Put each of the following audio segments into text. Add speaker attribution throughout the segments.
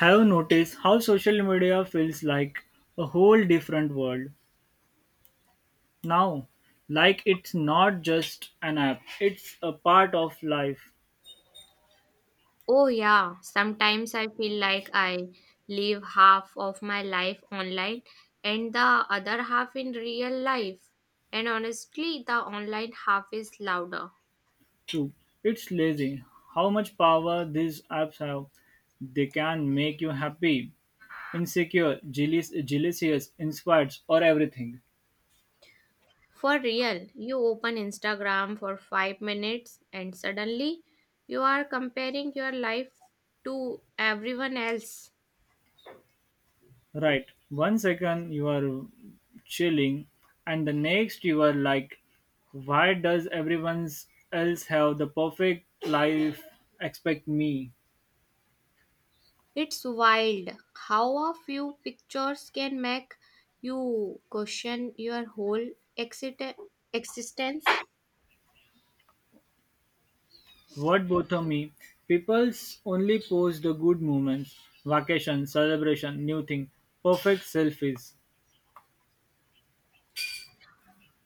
Speaker 1: Have you noticed how social media feels like a whole different world now? Like it's not just an app, it's a part of life
Speaker 2: Oh, yeah. Sometimes I feel like I live half of my life online and the other half in real life. And honestly, the online half is louder.
Speaker 1: too. It's lazy. How much power these apps have. They can make you happy, insecure, jealous, inspired, or everything.
Speaker 2: For real, you open Instagram for 5 minutes and suddenly you are comparing your life to everyone else.
Speaker 1: Right. One second you are chilling, and the next you are like, why does everyone else have the perfect life expect me?
Speaker 2: It's wild how a few pictures can make you question your whole exit- existence.
Speaker 1: What bother me? People's only post the good moments, vacation, celebration, new thing, perfect selfies.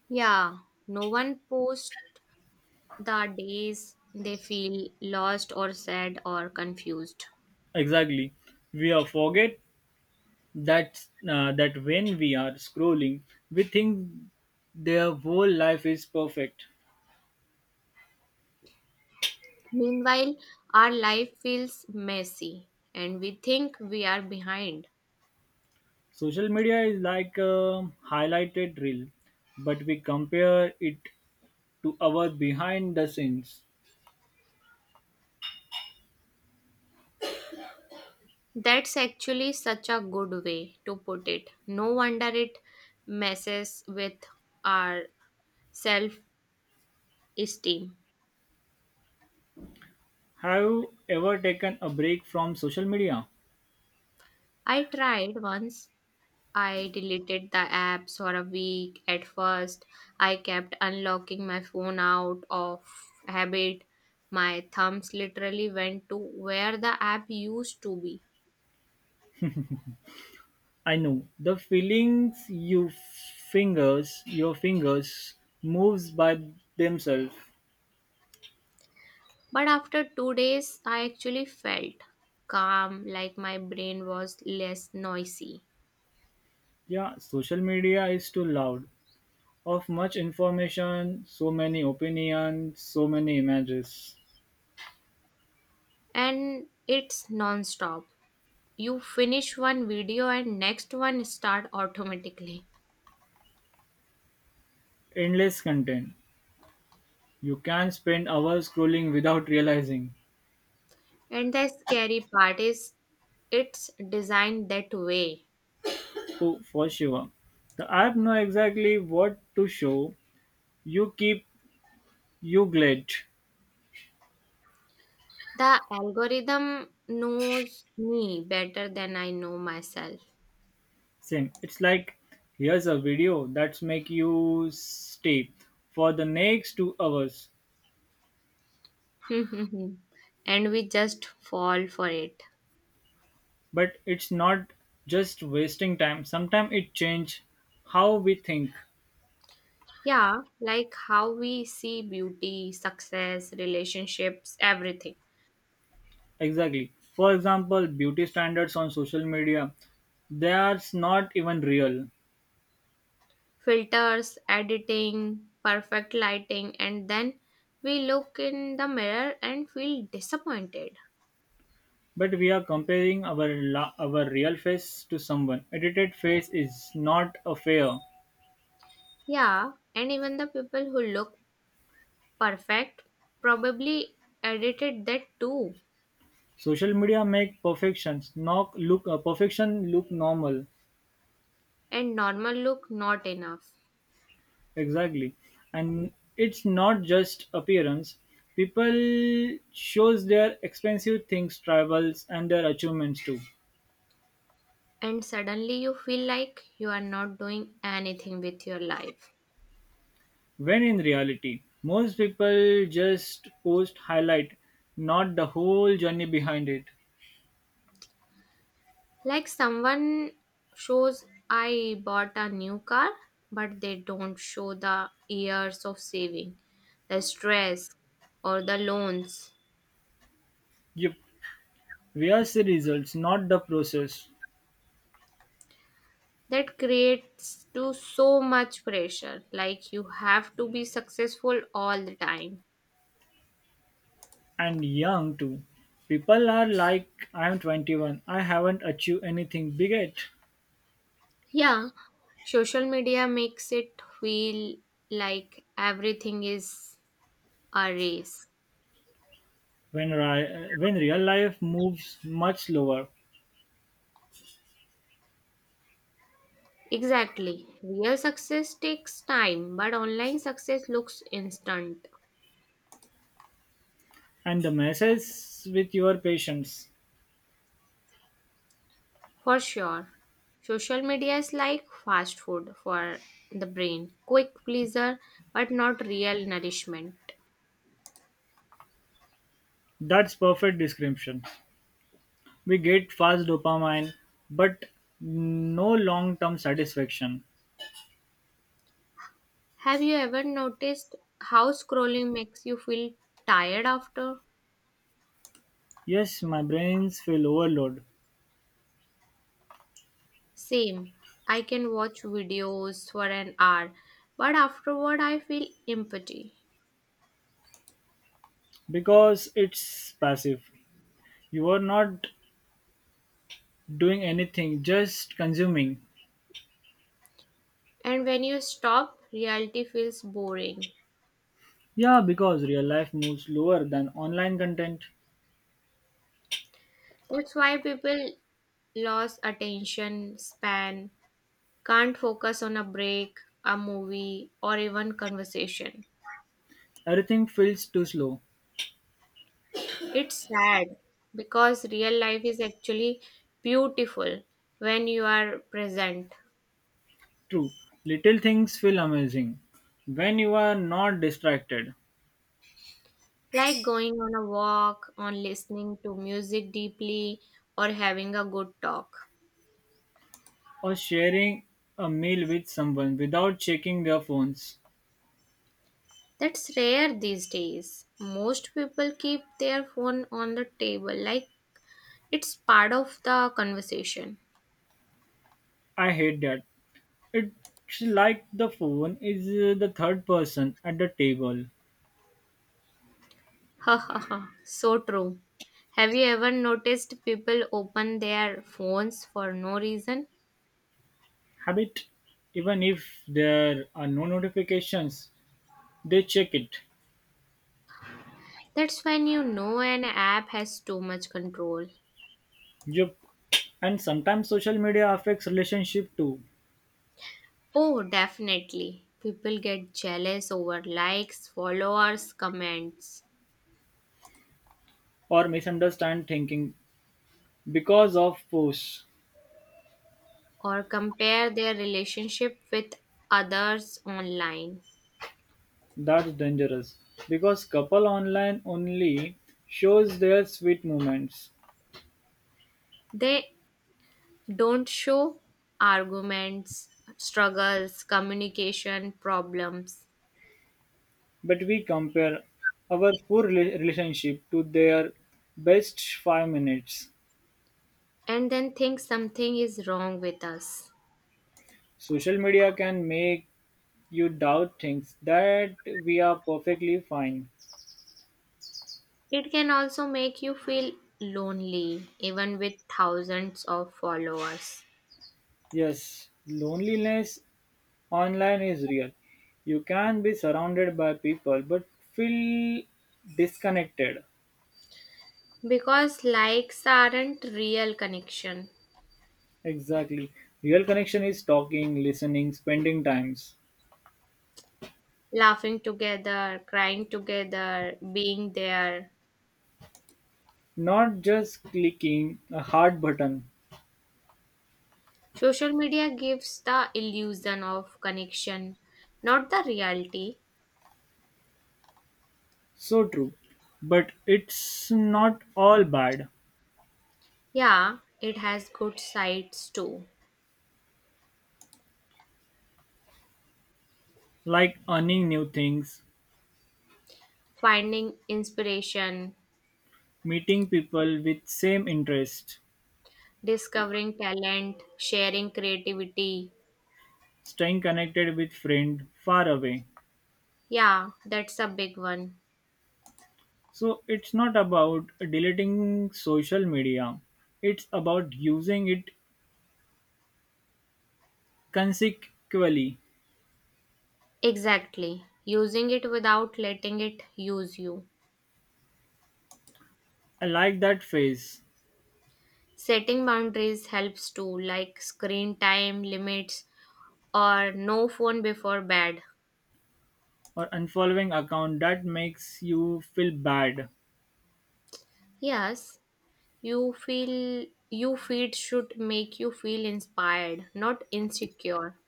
Speaker 2: Yeah, no one posts the days they feel lost or sad or confused.
Speaker 1: Exactly. We are forget that when we are scrolling, we think their whole life is perfect.
Speaker 2: Meanwhile, our life feels messy and we think we are behind.
Speaker 1: Social media is like a highlighted reel, but we compare it to our behind the scenes.
Speaker 2: That's actually such a good way to put it. No wonder it messes with our self esteem.
Speaker 1: Have you ever taken a break from social media?
Speaker 2: I tried once I deleted the apps for a week at first. I kept unlocking my phone out of habit. My thumbs literally went to where the app used to be.
Speaker 1: I know the feelings you fingers, your fingers moves by themselves.
Speaker 2: But after 2 days, I actually felt calm, like my brain was less noisy.
Speaker 1: Yeah, social media is too loud. Of much information, so many opinions, so many images,
Speaker 2: And it's non stop. You finish one video and next one start automatically.
Speaker 1: endless content. You can spend hours scrolling without realizing.
Speaker 2: And the scary part is it's designed that way.
Speaker 1: So for sure, the app know exactly what to show. You keep you glad.
Speaker 2: The algorithm knows me better than I know myself.
Speaker 1: Same. It's like here's a video that's make you stay for the next 2 hours.
Speaker 2: And we just fall for it.
Speaker 1: But it's not just wasting time. Sometimes it change how we think
Speaker 2: Yeah, like how we see beauty, success, relationships, everything.
Speaker 1: exactly. For example, beauty standards on social media, they are not even real.
Speaker 2: Filters, editing, perfect lighting, and then we look in the mirror and feel disappointed.
Speaker 1: But we are comparing our real face to someone. Edited face is not a fair.
Speaker 2: Yeah, and even the people who look perfect probably edited that too.
Speaker 1: Social media make perfections not look perfection look normal
Speaker 2: And normal look not enough.
Speaker 1: exactly, and it's not just appearance. People shows their expensive things, travels, and their achievements too.
Speaker 2: And suddenly you feel like you are not doing anything with your life.
Speaker 1: When in reality, most people just post highlight, not the whole journey behind it.
Speaker 2: Like someone shows, I bought a new car, but they don't show the years of saving, the stress, or the loans.
Speaker 1: Yep. We are see results, not the process.
Speaker 2: That creates to so much pressure, like you have to be successful all the time.
Speaker 1: And young too. People are like, I'm 21, I haven't achieved anything big yet.
Speaker 2: Yeah, social media makes it feel like everything is a race.
Speaker 1: When, when real life moves much slower.
Speaker 2: Exactly. Real success takes time, but online success looks instant.
Speaker 1: And the message with your patience.
Speaker 2: For sure. Social media is like fast food for the brain. Quick pleaser, but not real nourishment.
Speaker 1: That's perfect description. We get fast dopamine, but no long term satisfaction.
Speaker 2: Have you ever noticed how scrolling makes you feel tired after?
Speaker 1: Yes, my brains feel overload
Speaker 2: Same. I can watch videos for an hour, but afterward I feel empty.
Speaker 1: because it's passive. You are not doing anything, just consuming.
Speaker 2: And when you stop, reality feels boring.
Speaker 1: Yeah, because real life moves slower than online content.
Speaker 2: That's why people lost attention span, can't focus on a break, a movie, or even conversation.
Speaker 1: Everything feels too slow.
Speaker 2: It's sad because real life is actually beautiful when you are present,
Speaker 1: True. Little things feel amazing when you are not distracted
Speaker 2: like going on a walk, on listening to music deeply, or having a good talk.
Speaker 1: or sharing a meal with someone without checking their phones.
Speaker 2: That's rare these days. Most people keep their phone on the table, like it's part of the conversation.
Speaker 1: I hate that. It's like the phone is the third person at the table.
Speaker 2: Ha ha ha. So true. Have you ever noticed people open their phones for no reason?
Speaker 1: Habit. Even if there are no notifications, they check it.
Speaker 2: That's when you know an app has too much control.
Speaker 1: Yup. And sometimes social media affects relationship too.
Speaker 2: Oh, definitely. People get jealous over likes, followers, comments,
Speaker 1: Or misunderstand thinking because of posts.
Speaker 2: or compare their relationship with others online.
Speaker 1: That's dangerous. Because couple online only shows their sweet moments.
Speaker 2: They don't show arguments, struggles, communication problems.
Speaker 1: But we compare our relationship to their best 5 minutes.
Speaker 2: And then think something is wrong with us.
Speaker 1: Social media can make you doubt things that we are perfectly fine.
Speaker 2: It can also make you feel lonely even with thousands of followers
Speaker 1: Yes, loneliness online is real. You can be surrounded by people but feel disconnected.
Speaker 2: because likes aren't real connection.
Speaker 1: Exactly. Real connection is talking, listening, spending times,
Speaker 2: Laughing together, crying together, being there.
Speaker 1: not just clicking a hard button.
Speaker 2: Social media gives the illusion of connection, not the reality.
Speaker 1: So true. But it's not all bad.
Speaker 2: Yeah, it has good sides too.
Speaker 1: Like earning new things,
Speaker 2: Finding inspiration,
Speaker 1: meeting people with same interest,
Speaker 2: discovering talent, sharing creativity.
Speaker 1: staying connected with friend far away.
Speaker 2: Yeah, that's a big one.
Speaker 1: So it's not about deleting social media. It's about using it consequently.
Speaker 2: Exactly. Using it without letting it use you.
Speaker 1: I like that phrase,
Speaker 2: Setting boundaries helps too, like screen time limits or no phone before bed.
Speaker 1: or unfollowing account that makes you feel bad,
Speaker 2: Yes, you feel you feed should make you feel inspired, not insecure.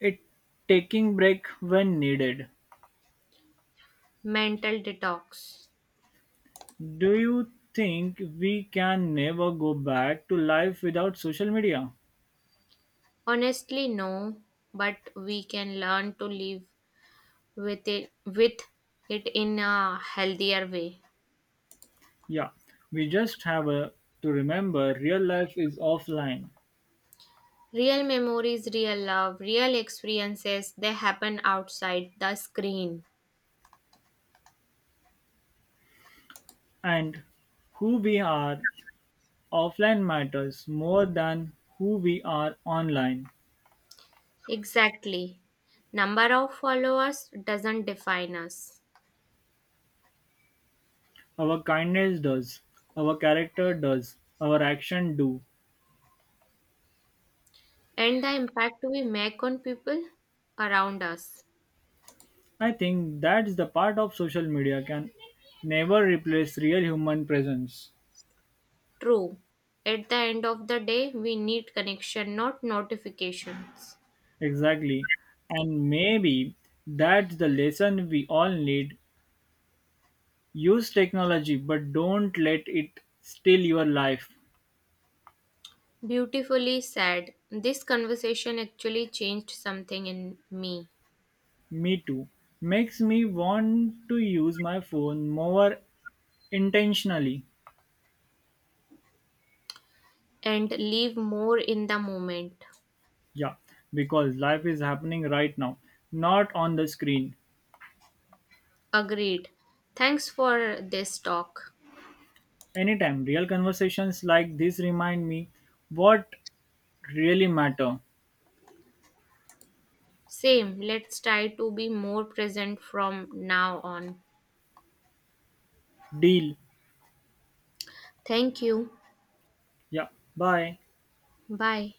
Speaker 1: it taking break when needed.
Speaker 2: Mental detox.
Speaker 1: Do you think we can never go back to life without social media?
Speaker 2: Honestly, no, but we can learn to live with it in a healthier way.
Speaker 1: Yeah, we just to remember real life is offline,
Speaker 2: Real memories, real love, real experiences, they happen outside the screen.
Speaker 1: and who we are offline matters more than who we are online.
Speaker 2: Exactly. Number of followers doesn't define us.
Speaker 1: Our kindness does, our character does, our action do.
Speaker 2: And the impact we make on people around us.
Speaker 1: I think that's the part of social media can never replace real human presence.
Speaker 2: True. At the end of the day, we need connection, not notifications.
Speaker 1: Exactly. And maybe that's the lesson we all need. Use technology, but don't let it steal your life.
Speaker 2: Beautifully said. This conversation actually changed something in me
Speaker 1: Me too. Makes me want to use my phone more intentionally.
Speaker 2: and live more in the moment.
Speaker 1: Yeah, because life is happening right now, not on the screen.
Speaker 2: Agreed. Thanks for this talk.
Speaker 1: Anytime real conversations like this remind me what really matter.
Speaker 2: Same, let's try to be more present from now on.
Speaker 1: Deal.
Speaker 2: Thank you.
Speaker 1: Yeah. Bye.
Speaker 2: Bye.